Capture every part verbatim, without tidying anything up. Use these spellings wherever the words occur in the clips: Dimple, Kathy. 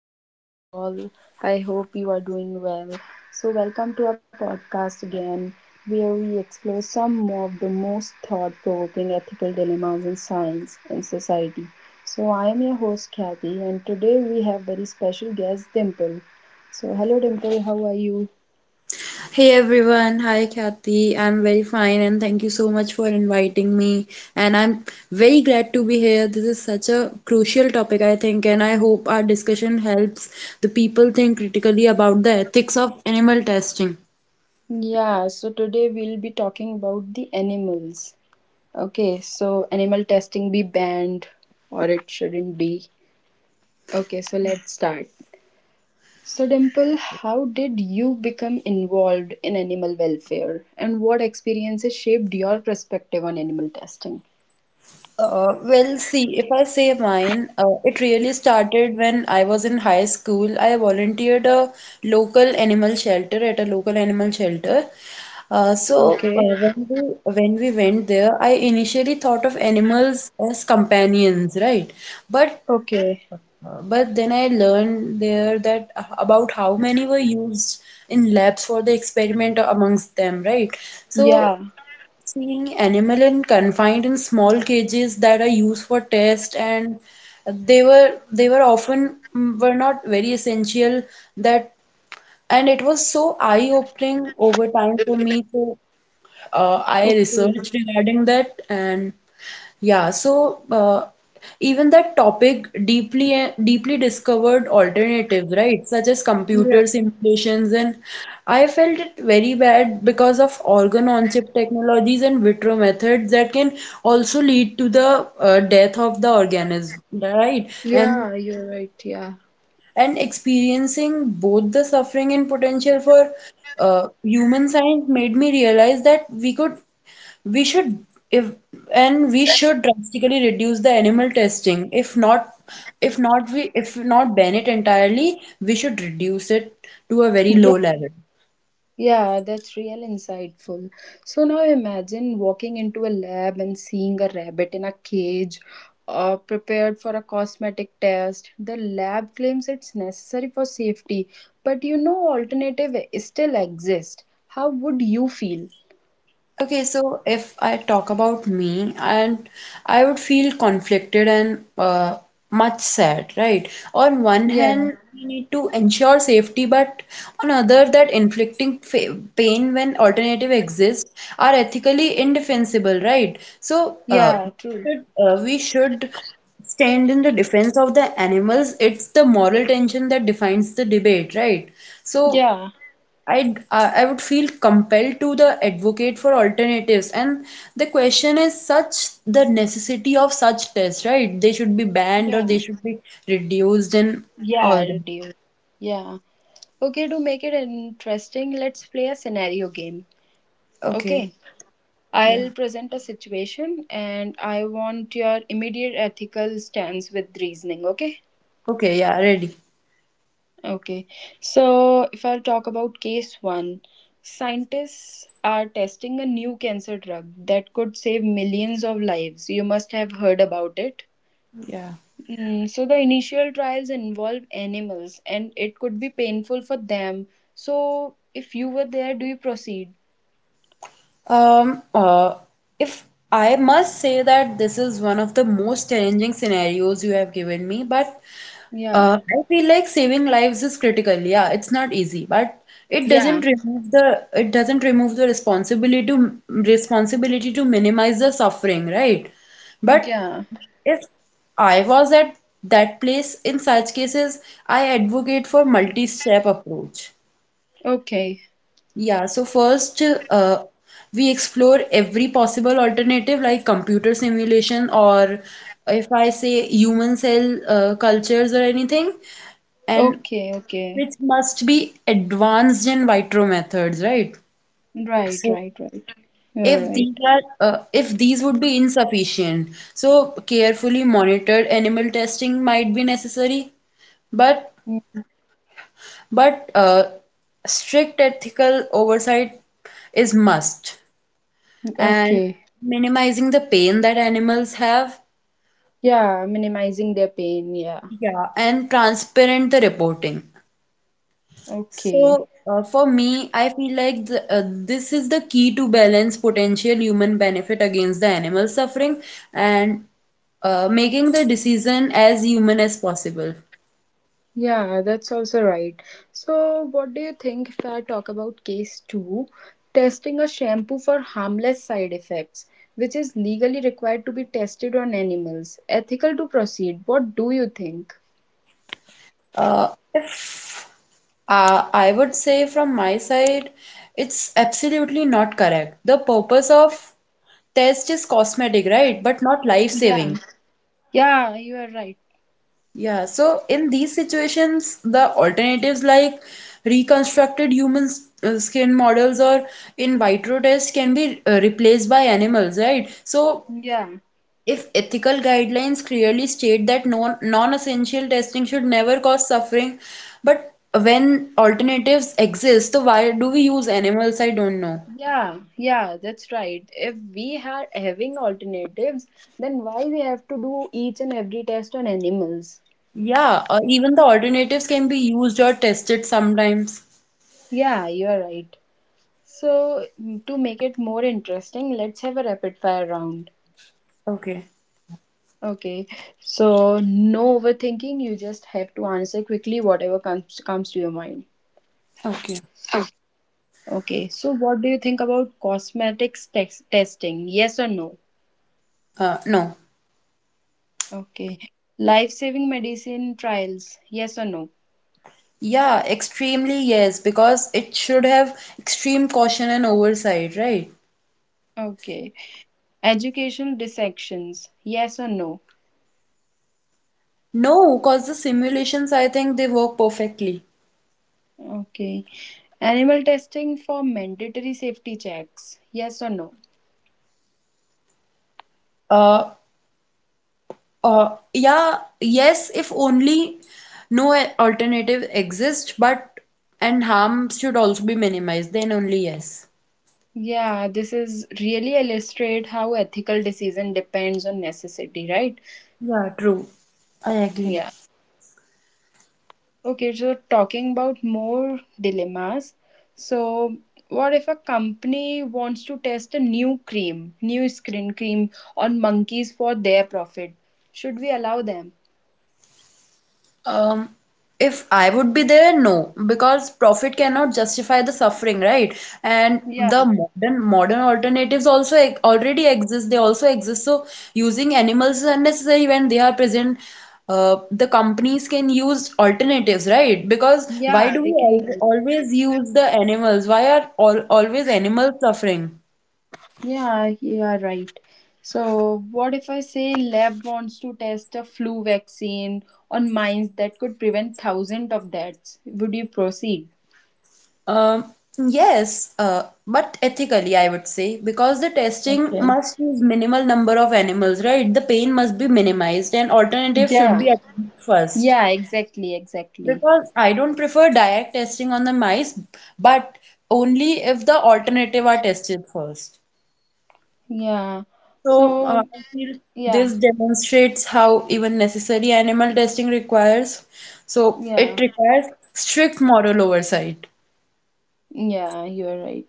how are you all? I hope you are doing well. So, welcome to our podcast again, where we explore some more of the most thought provoking ethical dilemmas in science and society. So, I am your host Kathy, and today we have very special guest Dimple. So, hello Dimple, how are you? Hey everyone, hi Kathy. I'm very fine and thank you so much for inviting me. And I'm very glad to be here. This is such a crucial topic, I think, and I hope our discussion helps the people think critically about the ethics of animal testing. Yeah, so today we'll be talking about the animals. Okay, so animal testing be banned or it shouldn't be. Okay, so let's start. So, Dimple, how did you become involved in animal welfare and what experiences shaped your perspective on animal testing? Uh, well, see, if I say mine, uh, it really started when I was in high school. I volunteered a local animal shelter at a local animal shelter. Uh, so uh, Okay. when we when we went there, I initially thought of animals as companions, right? But Okay. uh, but then I learned there that uh, about how many were used in labs for the experiment amongst them, right? So Yeah. seeing animal in confined in small cages that are used for test, and they were they were often mm, were not very essential that. And it was so eye opening over time for me. So uh, I Okay. researched regarding that. And yeah, so uh, even that topic deeply deeply discovered alternatives, right? Such as Yeah. computer simulations, and I felt it very bad because of organ-on-chip technologies and vitro methods that can also lead to the uh, death of the organism, right? And Yeah, you're right. Yeah. and experiencing both the suffering and potential for uh, human science made me realize that we could we should if and we should drastically reduce the animal testing. If not, if not we if not ban it entirely, we should reduce it to a very low Yeah. level. Yeah, that's real insightful. So now imagine walking into a lab and seeing a rabbit in a cage uh, prepared for a cosmetic test. The lab claims it's necessary for safety, but you know, alternative still exist. How would you feel? Okay, so if I talk about me, and I would feel conflicted and uh, much sad, right? On one Yeah, hand, we need to ensure safety, but on other, that inflicting fa- pain when alternative exists are ethically indefensible, right? So uh, yeah, true. should- uh, we should stand in the defense of the animals. It's the moral tension that defines the debate, right? So. Yeah, I'd, uh, I would feel compelled to the advocate for alternatives. And the question is such the necessity of such tests, right? They should be banned or yeah, they should be reduced and yeah, all that. reduce. Yeah. Okay, to make it interesting, let's play a scenario game. Okay. Okay. Yeah. I'll present a situation and I want your immediate ethical stance with reasoning, okay? Okay. Yeah. Ready. Okay. So, if I'll talk about case one, scientists are testing a new cancer drug that could save millions of lives. You must have heard about it. Yeah. Mm, so the initial trials involve animals and it could be painful for them. So if you were there, do you proceed? Um, uh, if I must say that this is one of the most challenging scenarios you have given me, but Yeah. uh, I feel like saving lives is critical. Yeah, it's not easy, but it doesn't Yeah. remove the it doesn't remove the responsibility to responsibility to minimize the suffering, right? But Yeah. if I was at that place. In such cases, I advocate for multi-step approach. Okay. Yeah, so first, uh, we explore every possible alternative like computer simulation, or if I say human cell uh, cultures or anything, and Okay. Okay. which must be advanced in vitro methods, right? Right, So right, right. You're if right. these are uh, if these would be insufficient, so carefully monitored animal testing might be necessary, but Mm, but uh, strict ethical oversight is must. And okay. minimizing the pain that animals have. Yeah, minimizing their pain. Yeah. Yeah, and transparent the reporting. Okay. So, uh, for me, I feel like the, uh, this is the key to balance potential human benefit against the animal suffering, and uh, making the decision as human as possible. Yeah, that's also right. So, what do you think if I talk about case two, testing a shampoo for harmless side effects, which is legally required to be tested on animals, ethical to proceed? What do you think? Uh, uh, I would say from my side, it's absolutely not correct. The purpose of test is cosmetic, right? But not life Yeah. saving. Yeah, you are right. Yeah, so in these situations, the alternatives like reconstructed human s- uh, skin models or in vitro tests can be uh, replaced by animals, right? So Yeah. if ethical guidelines clearly state that non non-essential testing should never cause suffering, but when alternatives exist, so why do we use animals? I don't know. Yeah, yeah, that's right. If we are having alternatives, then why we have to do each and every test on animals? Yeah, or even the alternatives can be used or tested sometimes. Yeah, you're right. So, mm, to make it more interesting, let's have a rapid fire round. Okay. Okay. So, no overthinking, you just have to answer quickly whatever comes comes to your mind. Okay. Okay. So, what do you think about cosmetics tex- testing? Yes or no? Uh, no. Okay. Life-saving medicine trials? Yes or no? Yeah, extremely yes, because it should have extreme caution and oversight, right? Okay. Education dissections, yes or no? No, because the simulations, I think they work perfectly. Okay. Animal testing for mandatory safety checks, yes or no? Uh, uh, yeah, yes, if only no alternative exists, but and harm should also be minimized, then only yes. Yeah, this is really illustrate how ethical decision depends on necessity, right? Yeah, true. I agree. Yeah. Okay, so talking about more dilemmas. So, what if a company wants to test a new cream, new skin cream on monkeys for their profit? Should we allow them? Um, if I would be there, no, because profit cannot justify the suffering, right? And Yeah, the modern modern alternatives also e- already exist. They also exist. So using animals is unnecessary when they are present. Uh, the companies can use alternatives, right? Because why yeah, do we they al can. always use the animals? Why are all always animals suffering? Yeah, you are right. So, what if I say lab wants to test a flu vaccine on mice that could prevent thousands of deaths? Would you proceed? Um, yes, uh, but ethically, I would say, because the testing Okay. must use minimal number of animals, right? The pain must be minimized and alternative should be Yeah. attempted first. Yeah, exactly, exactly. Because I don't prefer direct testing on the mice, but only if the alternative are tested first. Yeah. So, uh, So, I feel yeah, this demonstrates how even necessary animal testing requires. So, it yeah, requires strict moral oversight. yeah, you are right.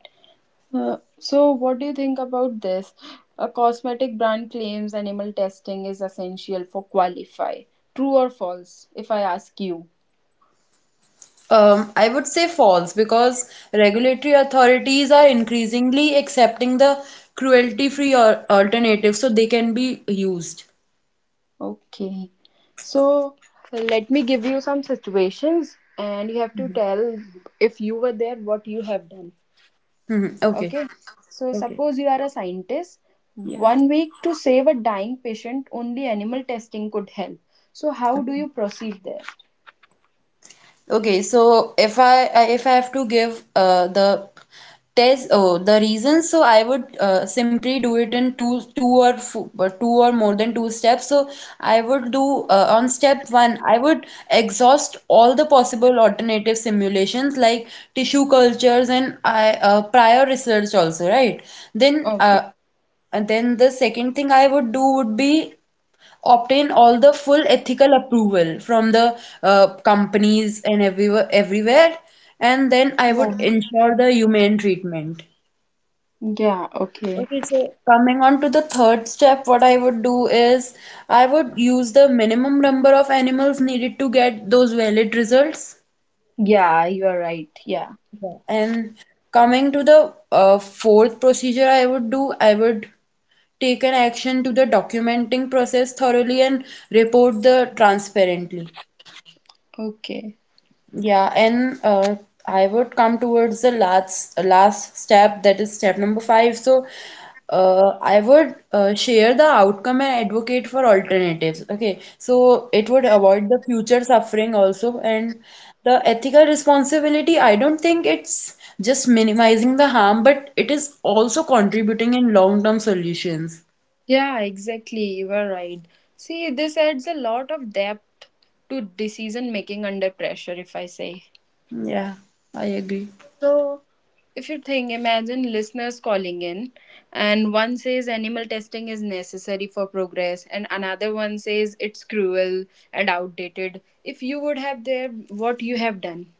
Uh, so, what do you think about this? A cosmetic brand claims animal testing is essential for qualify. True or false, if I ask you? Um, I would say false because regulatory authorities are increasingly accepting the cruelty-free or alternative, so they can be used. Okay. So let me give you some situations and you have to tell if you were there what you have done. Mhm. Okay. Okay. So suppose you are a scientist. One week to save a dying patient, only animal testing could help. So how do you proceed there? Okay, so if I I- if I have to give uh, the test oh the reasons, so I would uh, simply do it in two two or fo- or two or more than two steps. So I would do, uh, on step one, I would exhaust all the possible alternative simulations like tissue cultures and I uh, prior research also, right? Then Okay. uh, and then the second thing I would do would be obtain all the full ethical approval from the uh, companies and everywhere, everywhere, and then I would Yeah. ensure the humane treatment. Yeah, okay. Okay, so coming on to the third step, what I would do is I would use the minimum number of animals needed to get those valid results. Yeah, you are right. Yeah. Yeah. And coming to the uh, fourth procedure, I would do, I would take an action to the documenting process thoroughly and report the transparently. Okay. Yeah, and uh, I would come towards the last last step, that is step number five. So, uh, I would uh, share the outcome and advocate for alternatives. Okay, so it would avoid the future suffering also, and the ethical responsibility. I don't think it's just minimizing the harm, but it is also contributing in long-term solutions. Yeah, exactly. You are right. See, this adds a lot of depth to decision making under pressure, if I say. Yeah, I agree. So, if you think, imagine listeners calling in, and one says animal testing is necessary for progress, and another one says it's cruel and outdated. If you would have there, what you have done?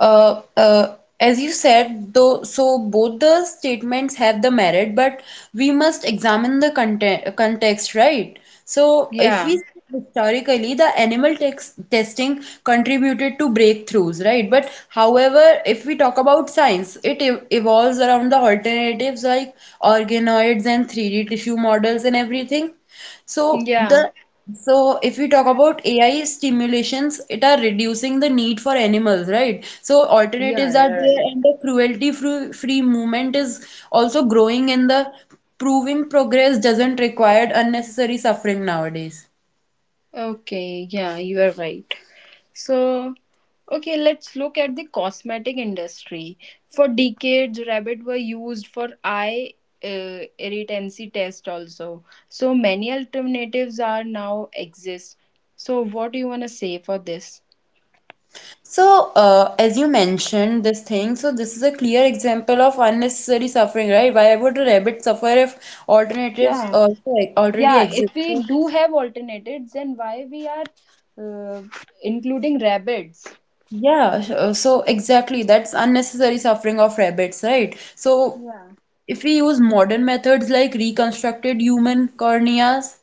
uh, uh, as you said, though, so both the statements have the merit, but we must examine the content, context, right? So, if we Yeah, see historically, the animal tex- testing contributed to breakthroughs, right? But however, if we talk about science, it ev- evolves around the alternatives like organoids and three D tissue models and everything. So yeah, the so if we talk about A I stimulations, it are reducing the need for animals, right? So yeah, alternatives are you're right. there, and the cruelty free free movement is also growing in the proving progress doesn't require unnecessary suffering nowadays. Okay, yeah, you are right. So, okay, let's look at the cosmetic industry. For decades, rabbit were used for eye uh, irritancy test also. So many alternatives are now exist. So what do you want to say for this? So, uh, as you mentioned this thing, so this is a clear example of unnecessary suffering, right? Why would a rabbit suffer if alternatives Yeah. also already Yeah, exist? if we do have alternatives, then why we are uh, including rabbits? Yeah, sh- uh, so exactly that's unnecessary suffering of rabbits, right? So Yeah. if we use modern methods like reconstructed human corneas,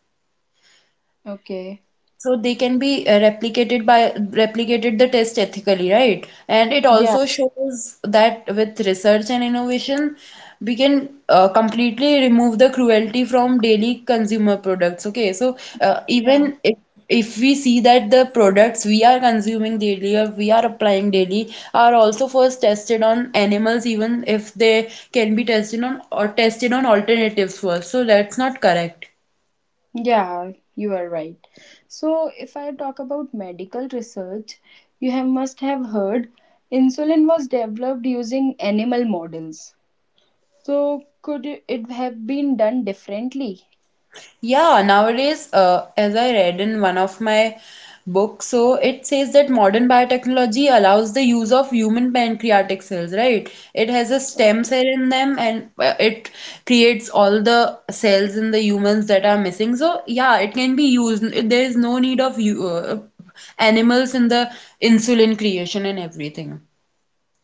Okay. so they can be uh, replicated by replicated the test ethically, right? And it Yeah. also shows that with research and innovation, we can uh, completely remove the cruelty from daily consumer products. Okay, so uh, Yeah. even if if we see that the products we are consuming daily or we are applying daily are also first tested on animals, even if they can be tested on or tested on alternatives first. So that's not correct. Yeah, you are right. So, if I talk about medical research, you have must have heard insulin was developed using animal models. So, could it have been done differently? Yeah, nowadays, uh, as I read in one of my books, so it says that modern biotechnology allows the use of human pancreatic cells, right? It has a stem cell in them, and uh, it creates all the cells in the humans that are missing. So, yeah, it can be used. There is no need of you, uh, animals in the insulin creation and everything.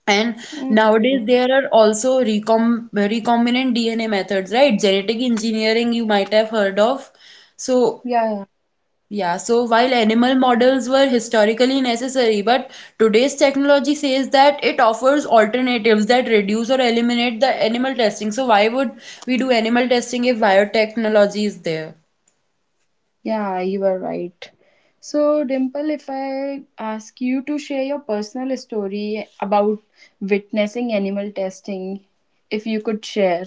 And nowadays Okay. there are also recom recombinant D N A methods, right? Genetic engineering you might have heard of. So Yeah, yeah, so while animal models were historically necessary, but today's technology says that it offers alternatives that reduce or eliminate the animal testing. So why would we do animal testing if biotechnology is there? yeah, you are right. So, Dimple, if I ask you to share your personal story about witnessing animal testing, if you could share.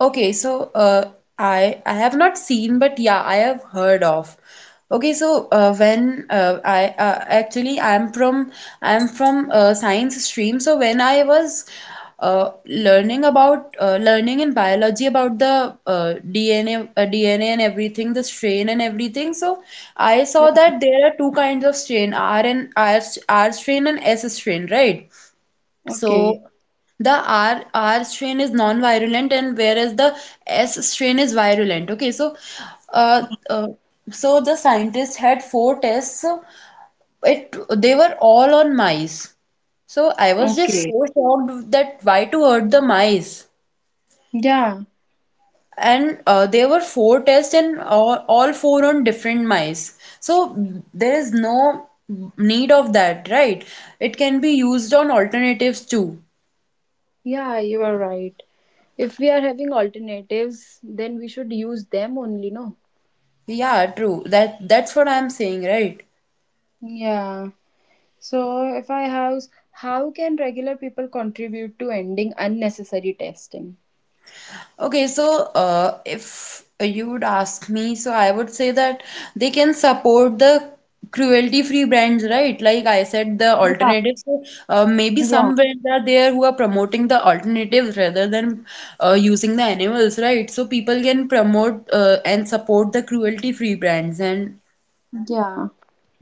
Okay, so uh, I I have not seen, but yeah, I have heard of. Okay, so uh, when uh, I uh, actually I'm from I'm from uh, science stream. So when I was uh, learning about uh, learning in biology about the uh, D N A uh, D N A and everything, the strain and everything. So I saw Yeah. that there are two kinds of strain, R and R, R strain and S strain, right? Okay. So the R R strain is non-virulent, and whereas the S strain is virulent. Okay, so uh, uh, so the scientists had four tests. So it they were all on mice. So I was just Okay. so shocked that why to hurt the mice? Yeah. And uh, there were four tests and all, all four on different mice. So there is no need of that, right? It can be used on alternatives too. Yeah, you are right. If we are having alternatives, then we should use them only, no? Yeah, true. That that's what I'm saying, right? Yeah. So if I house, how can regular people contribute to ending unnecessary testing? Okay, so uh, if you would ask me, so I would say that they can support the cruelty-free brands, right? Like I said, the Yeah, alternatives. So, uh, maybe yeah, some brands are there who are promoting the alternatives rather than uh, using the animals, right? So people can promote uh, and support the cruelty-free brands, and yeah,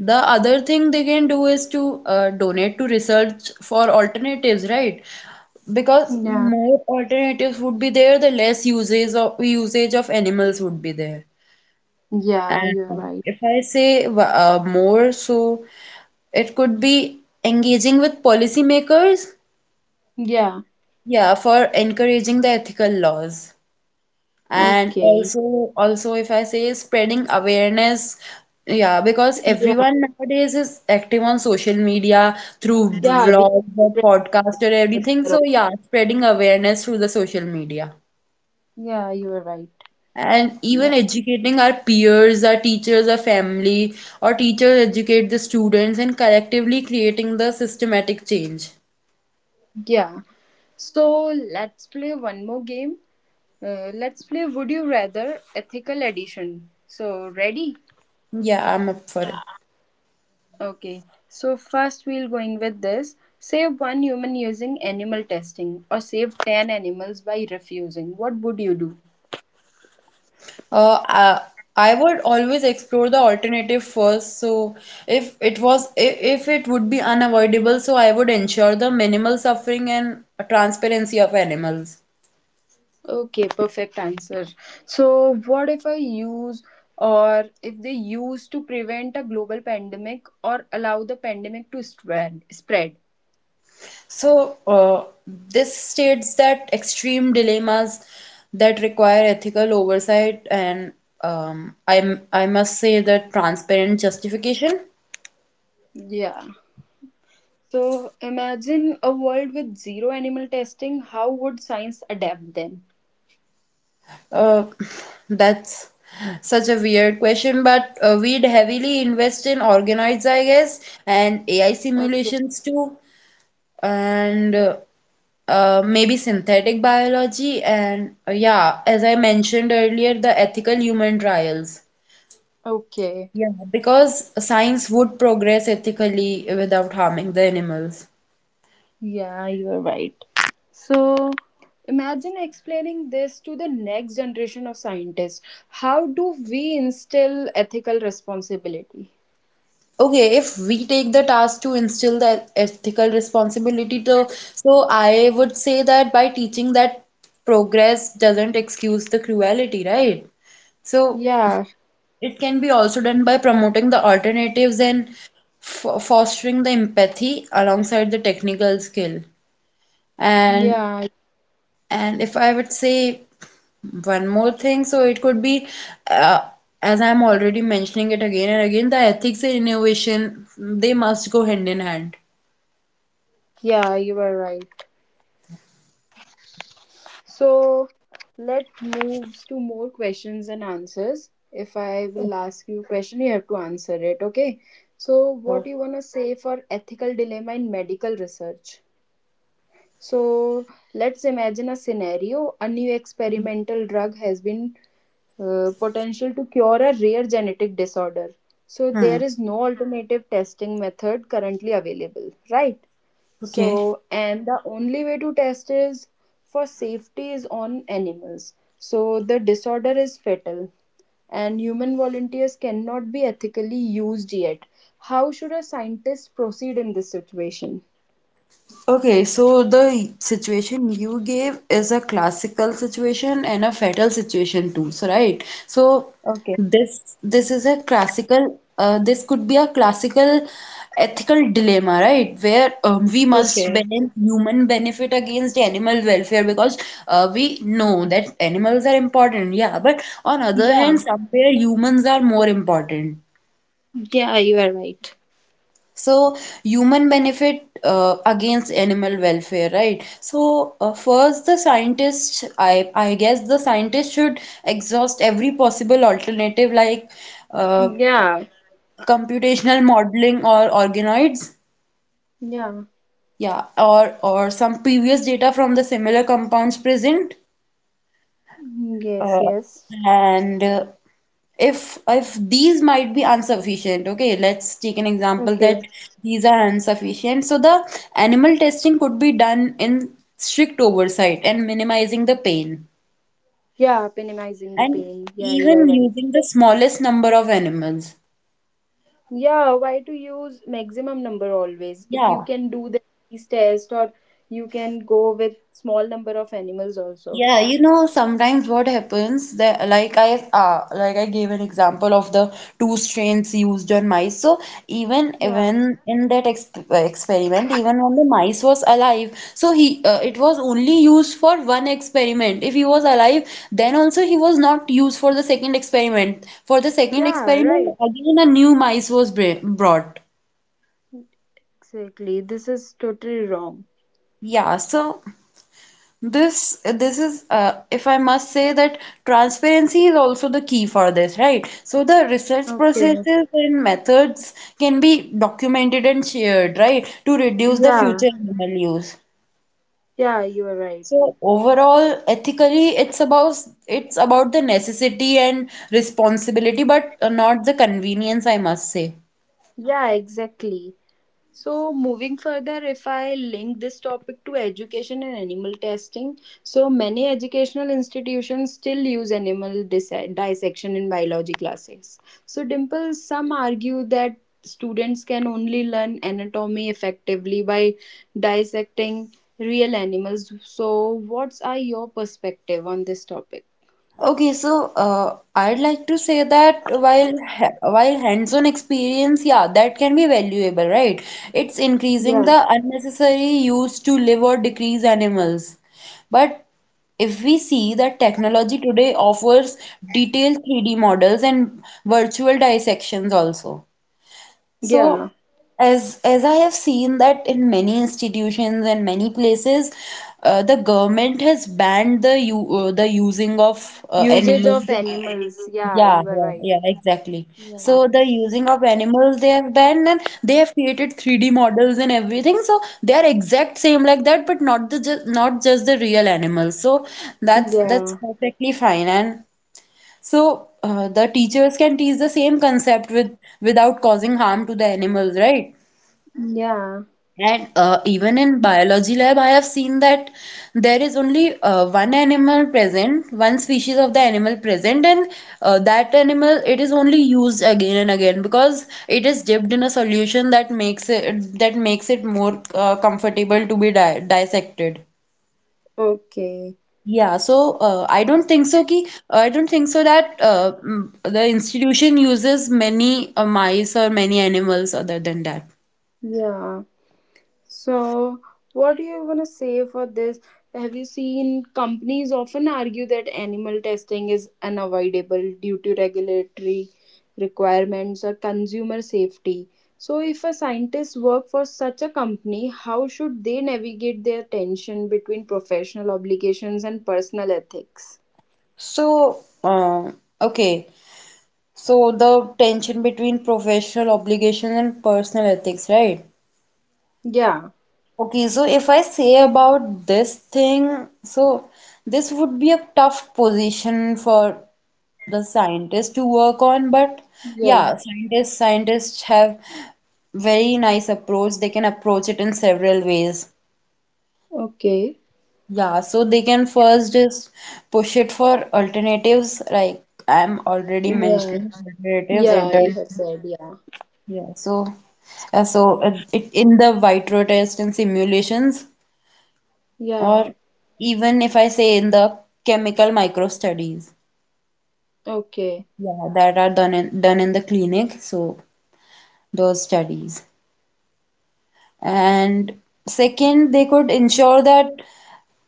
the other thing they can do is to uh, donate to research for alternatives, right? Because yeah, more alternatives would be there, the less uses of usage of animals would be there. yeah. You're And right. if I say uh, more, so it could be engaging with policymakers, Yeah. yeah, for encouraging the ethical laws. And Okay. also, also if I say spreading awareness, yeah, because Yeah, everyone nowadays is active on social media through yeah. We can vlogs or podcast or spread everything. the word. So yeah, spreading awareness through the social media. Yeah, you're right. And even Yeah, educating our peers, our teachers, our family, or teachers educate the students and collectively creating the systematic change. yeah. So let's play one more game. Uh, let's play Would You Rather Ethical Edition. So ready? Yeah, I'm up for it. Okay, so first we'll going with this. Save one human using animal testing or save ten animals by refusing. What would you do? Uh, I, I would always explore the alternative first. So if it was if, if it would be unavoidable, so I would ensure the minimal suffering and transparency of animals. Okay, perfect answer. So, what if I use or if they use to prevent a global pandemic or allow the pandemic to spread? spread? So uh, this states that extreme dilemmas that require ethical oversight and um, I I must say that transparent justification. Yeah. So, imagine a world with zero animal testing. How would science adapt then? Uh, that's such a weird question, but uh, we'd heavily invest in organoids, I guess, and A I Okay. simulations too, and uh, uh, maybe synthetic biology, and uh, yeah, as I mentioned earlier, the ethical human trials. Okay. Yeah, because science would progress ethically without harming the animals. Yeah, you're right. So imagine explaining this to the next generation of scientists. How do we instill ethical responsibility? Okay, if we take the task to instill the ethical responsibility to, so I would say that by teaching that progress doesn't excuse the cruelty, right? So Yeah, it can be also done by promoting the alternatives and f fostering the empathy alongside the technical skill. And yeah, and if I would say one more thing, so it could be, uh, as I'm already mentioning it again and again, the ethics and innovation, they must go hand in hand. yeah, you are right. So let us move to more questions and answers. If I will ask you a question, you have to answer it, okay? So what you wanna say for ethical dilemma in medical research? So let's imagine a scenario. A new experimental drug has been uh, potential to cure a rare genetic disorder. So Hmm. there is no alternative testing method currently available, right? Okay. So and the only way to test is for safety is on animals. So the disorder is fatal and human volunteers cannot be ethically used yet. How should a scientist proceed in this situation? Okay, so the situation you gave is a classical situation and a fatal situation too, so right? So Okay. this this is a classical uh, this could be a classical ethical dilemma, right? Where um, we must Okay. balance human benefit against animal welfare because uh, we know that animals are important, yeah, but on other hand, Yeah. somewhere humans are more important. Yeah, you are right. So, human benefit uh, against animal welfare, right? So, uh, first, the scientists, I, I guess the scientists should exhaust every possible alternative like uh, Yeah. computational modeling or organoids, Yeah. yeah, or, or some previous data from the similar compounds present. Yes, Uh, yes. and uh, if if these might be insufficient, okay, let's take an example Okay. that these are insufficient. So the animal testing could be done in strict oversight and minimizing the pain, Yeah, minimizing the and pain. Yeah, you are even right. using the smallest number of animals. Yeah, why to use maximum number always? If you Yeah. can do the disease test or you can go with small number of animals also. Yeah, you know, sometimes what happens that like I uh, like I gave an example of the two strains used on mice. So even Yeah. even in that exp experiment, even when the mice was alive, so he uh, it was only used for one experiment. If he was alive, then also he was not used for the second experiment. For the second Yeah, experiment, right. again a new mice was br brought. Exactly. This is totally wrong. Yeah, so. This this is uh, if I must say that transparency is also the key for this, right? So the research Okay. processes and methods can be documented and shared, right, to reduce the Yeah. future animal use. Yeah, you are right. So overall, ethically, it's about it's about the necessity and responsibility, but uh, not the convenience, I must say. Yeah, exactly. So, moving further, if I link this topic to education and animal testing, so many educational institutions still use animal dis- dissection in biology classes. So, Dimple, some argue that students can only learn anatomy effectively by dissecting real animals. So, what's are your perspective on this topic? Okay, so uh, I'd like to say that while ha while hands-on experience, yeah, that can be valuable, right? It's increasing Yeah, the unnecessary use to live or decrease animals. But if we see that technology today offers detailed three D models and virtual dissections also. yeah, So, as as I have seen that in many institutions and many places, uh, the government has banned the u uh, the using of uh, usage of animals. animals. Yeah, Yeah, you are yeah, right. yeah, exactly. Yeah, So the using of animals they have banned, and they have created three D models and everything. So they are exact same like that, but not the just not just the real animals. So that's that's yeah, perfectly fine. And so uh, the teachers can teach the same concept with without causing harm to the animals, right? yeah. And uh, even in biology lab, I have seen that there is only uh, one animal present, one species of the animal present, and uh, that animal it is only used again and again because it is dipped in a solution that makes it that makes it more uh, comfortable to be di dissected. Okay. Yeah, so uh, I don't think so ki I don't think so that uh, mm, the institution uses many uh, mice or many animals other than that. Yeah. So, what do you want to say for this? Have you seen companies often argue that animal testing is unavoidable due to regulatory requirements or consumer safety? So, if a scientist work for such a company, how should they navigate their tension between professional obligations and personal ethics? So, uh, okay. So the tension between professional obligations and personal ethics, right? Yeah. Okay, so if I say about this thing, so this would be a tough position for the scientist to work on, but Yeah. yeah, scientists scientists have very nice approach. They can approach it in several ways. Okay. Yeah, so they can first just push it for alternatives, like I'm already Yeah. mentioning alternatives. Yeah, you have said yeah. Yeah, so uh, so uh, it, in the white rotation simulations, Yeah. or even if I say in the chemical micro studies, Okay. yeah, that are done in, done in the clinic, so those studies. And second, they could ensure that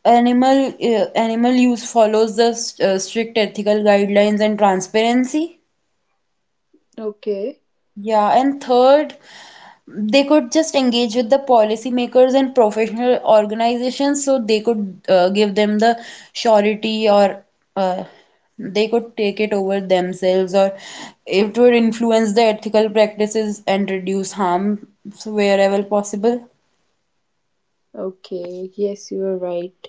animal uh, animal use follows the st- uh, strict ethical guidelines and transparency. Okay. Yeah, and third, they could just engage with the policymakers and professional organizations so they could uh, give them the surety or uh, they could take it over themselves or it would influence the ethical practices and reduce harm wherever possible. Okay, yes, you are right.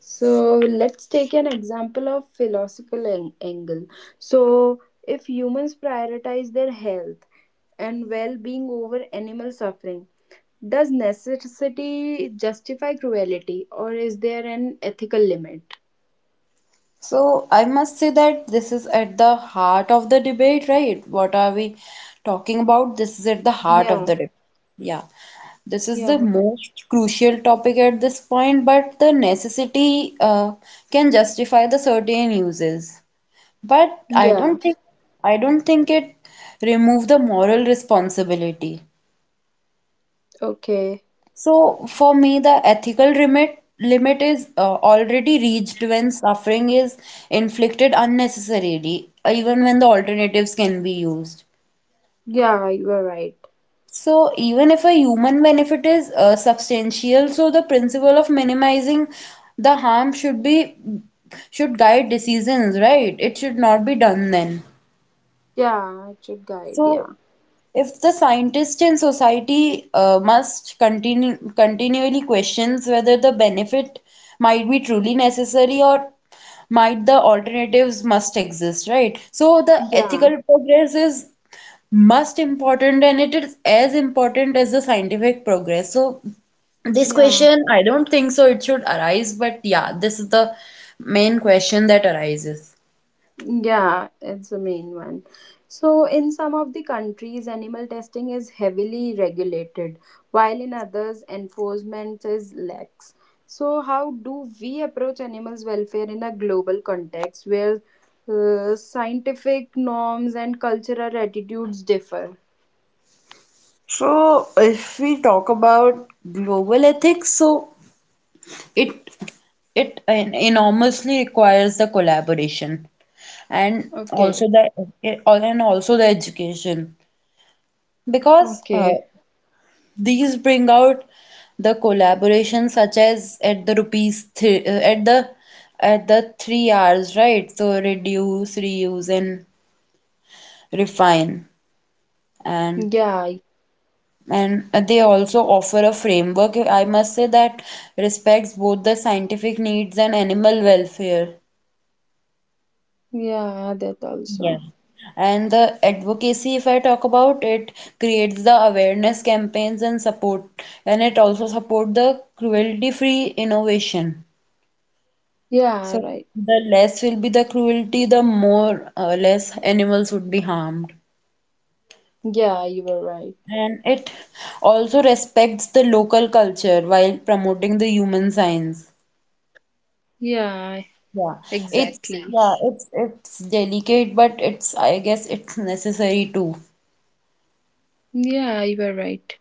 So let's take an example of philosophical an- angle. So if humans prioritize their health and well-being over animal suffering, does necessity justify cruelty or is there an ethical limit? So I must say that this is at the heart of the debate, right? What are we talking about? This is at the heart of the Yeah, debate. Yeah. This is the yeah, most crucial topic at this point, but the necessity uh, can justify the certain uses. But I yeah. don't think I don't think it remove the moral responsibility. Okay. So for me, the ethical limit limit is uh, already reached when suffering is inflicted unnecessarily, even when the alternatives can be used. Yeah, you are right. So even if a human benefit is uh, substantial, so the principle of minimizing the harm should be should guide decisions, right? It should not be done then. Yeah, it should guide. So Yeah. if the scientist and society uh, must continu- continually questions whether the benefit might be truly necessary or might the alternatives must exist, right? So the Yeah. ethical progress is must important and it is as important as the scientific progress. So this Yeah. question, I don't think so it should arise, but yeah, this is the main question that arises. Yeah, it's the main one. So, in some of the countries, animal testing is heavily regulated, while in others, enforcement is lax. So, how do we approach animals' welfare in a global context where uh, scientific norms and cultural attitudes differ? So, if we talk about global ethics, so it it en- enormously requires the collaboration and Okay, also the and also the education because okay. uh, these bring out the collaboration such as at the rupees th- at the at the three R's, right? So reduce, reuse, and refine, and Yeah, and they also offer a framework I must say that respects both the scientific needs and animal welfare. yeah, that Yeah. also. And the advocacy, if I talk about it, creates the awareness campaigns and support, and it also support the cruelty-free innovation. Yeah, So right. the less will be the cruelty, the more uh, less animals would be harmed. Yeah, you were right. And it also respects the local culture while promoting the human science. Yeah, Yeah, it's exactly. yeah, it's it's delicate, but it's I guess it's necessary too. Yeah, you were right.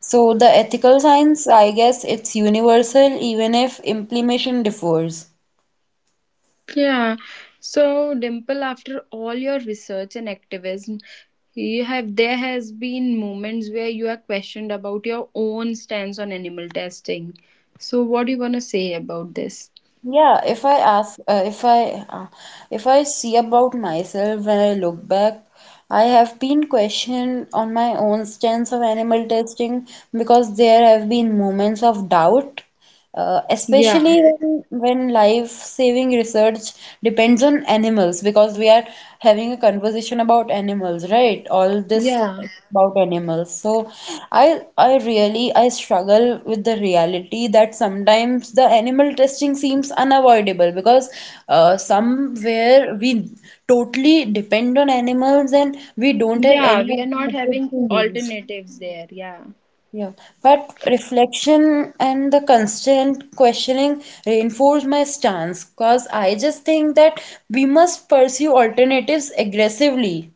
So the ethical science, I guess it's universal even if implementation differs. Yeah. So, Dimple, after all your research and activism, you have there has been moments where you are questioned about your own stance on animal testing. So, what do you gonna say about this? Yeah, if I ask, uh, if I, uh, if I see about myself when I look back, I have been questioned on my own stance of animal testing because there have been moments of doubt, uh, Yeah. especially when when life-saving research depends on animals because we are having a conversation about animals, right? All this Yeah. about animals so i i really I struggle with the reality that sometimes the animal testing seems unavoidable because uh, somewhere we totally depend on animals and we don't have Yeah. any We are not alternatives having to use, alternatives there. Yeah. yeah, but reflection and the constant questioning reinforce my stance because I just think that we must pursue alternatives aggressively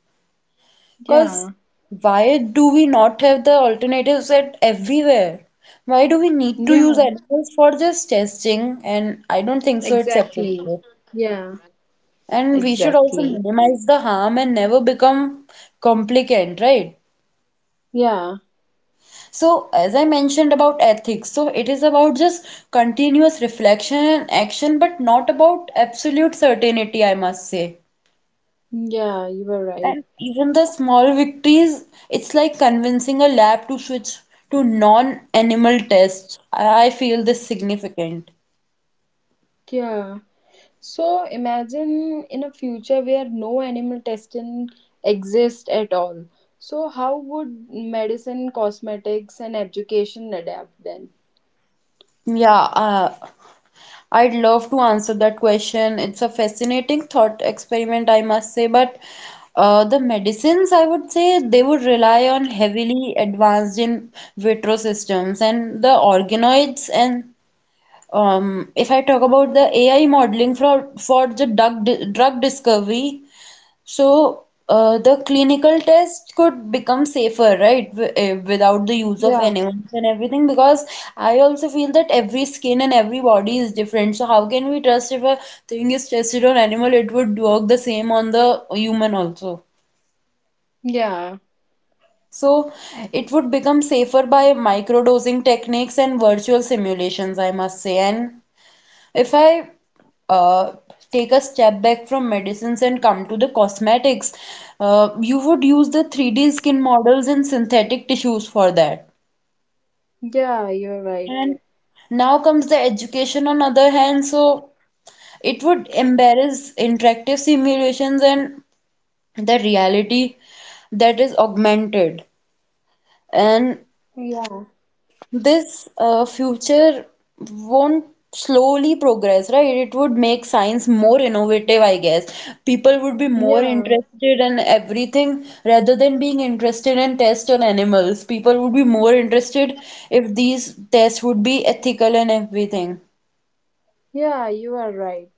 because Yeah. why do we not have the alternatives at everywhere? Why do we need to use Yeah. animals for just testing? And I don't think so it's Exactly. applicable. Yeah. And we should also Exactly. minimize the harm and never become complicant, right? Yeah. So, as I mentioned about ethics, so it is about just continuous reflection and action, but not about absolute certainty, I must say. Yeah. You were right. And even the small victories, it's like convincing a lab to switch to non-animal tests. I I feel this significant. Yeah. So imagine in a future where no animal testing exists at all. So how would medicine, cosmetics, and education adapt then? Yeah, uh, I'd love to answer that question. It's a fascinating thought experiment, I must say, but uh, the medicines, I would say, they would rely on heavily advanced in vitro systems and the organoids and um, if I talk about the A I modeling for for the drug di- drug discovery. So, uh, the clinical test could become safer, right? W eh, without the use of Yeah, animals and everything, because I also feel that every skin and every body is different. So, how can we trust if a thing is tested on animal, it would work the same on the human also? yeah, So, it would become safer by microdosing techniques and virtual simulations, I must say. And If I uh, take a step back from medicines and come to the cosmetics, uh, you would use the three D skin models and synthetic tissues for that. yeah. You're right. And now comes the education on other hand, so it would embarrass interactive simulations and the reality that is augmented. And Yeah, this uh, future won't slowly progress, right? It would make science more innovative, I guess. People would be more yeah, interested in everything rather than being interested in tests on animals. People would be more interested if these tests would be ethical and everything. yeah. You are right.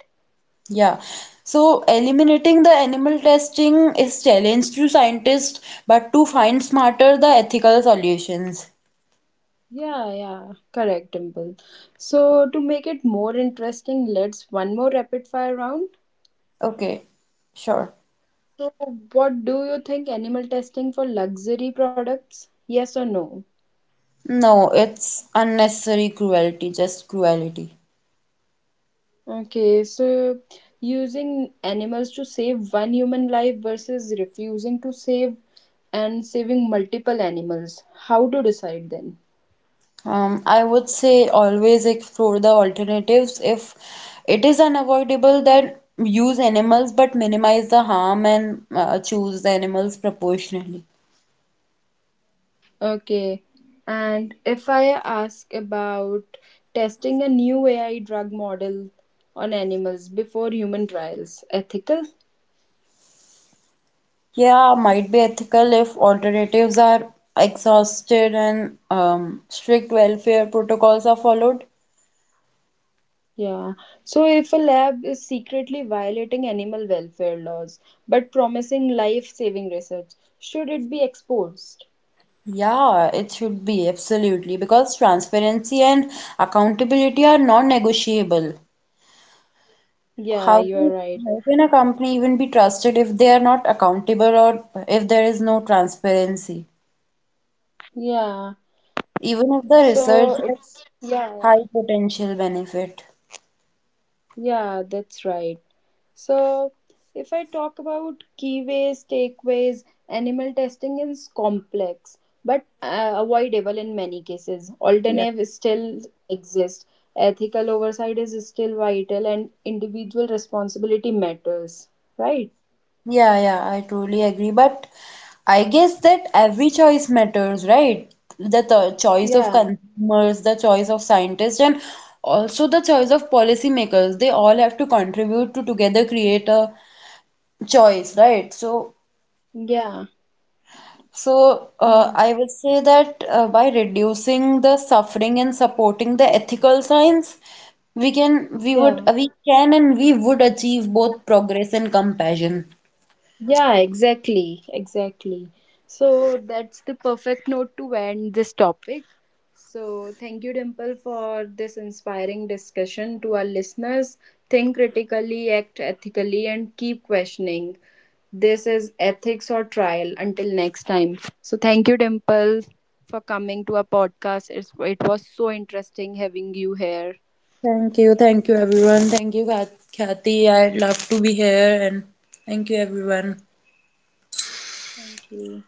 Yeah. So eliminating the animal testing is challenge to scientists, but to find smarter the ethical solutions. Yeah, yeah. Correct, Dimple. So to make it more interesting, let's one more rapid fire round. Okay, sure. So what do you think animal testing for luxury products? Yes or no? No, it's unnecessary cruelty, just cruelty. Okay, so using animals to save one human life versus refusing to save and saving multiple animals. How to decide then? Um, I would say always explore the alternatives. If it is unavoidable, then use animals but minimize the harm and uh, choose the animals proportionally. Okay, and if I ask about testing a new A I drug model on animals before human trials, ethical? Yeah, might be ethical if alternatives are exhausted and um, strict welfare protocols are followed. Yeah. So if a lab is secretly violating animal welfare laws but promising life saving research, should it be exposed? Yeah, it should be absolutely because transparency and accountability are non-negotiable. Yeah, How you are can right. how can a company even be trusted if they are not accountable or if there is no transparency? Yeah. Even if the research So has it's Yeah, yeah. high potential benefit. yeah, that's right. So if I talk about key ways, takeaways, animal testing is complex but uh, avoidable in many cases. Yeah. Alternatives still exist. Ethical oversight is still vital, and individual responsibility matters. Right? Yeah, yeah, I totally agree. But I guess that every choice matters, right? The th choice of Yeah. consumers, the choice of scientists, and also the choice of policymakers. They all have to contribute to together create a choice, right? So Yeah. So, uh, Yeah. I would say that uh, by reducing the suffering and supporting the ethical science, we can, we would, Yeah. we can, and we would achieve both progress and compassion. Yeah, exactly. Exactly. So that's the perfect note to end this topic. So thank you, Dimple, for this inspiring discussion to our listeners. Think critically, act ethically, and keep questioning. This is ethics or trial. Until next time. So thank you, Dimple, for coming to our podcast. It's, it was so interesting having you here. Thank you, thank you, everyone. Thank you, Kath- Kathy. I'd love to be here, and thank you, everyone. Thank you.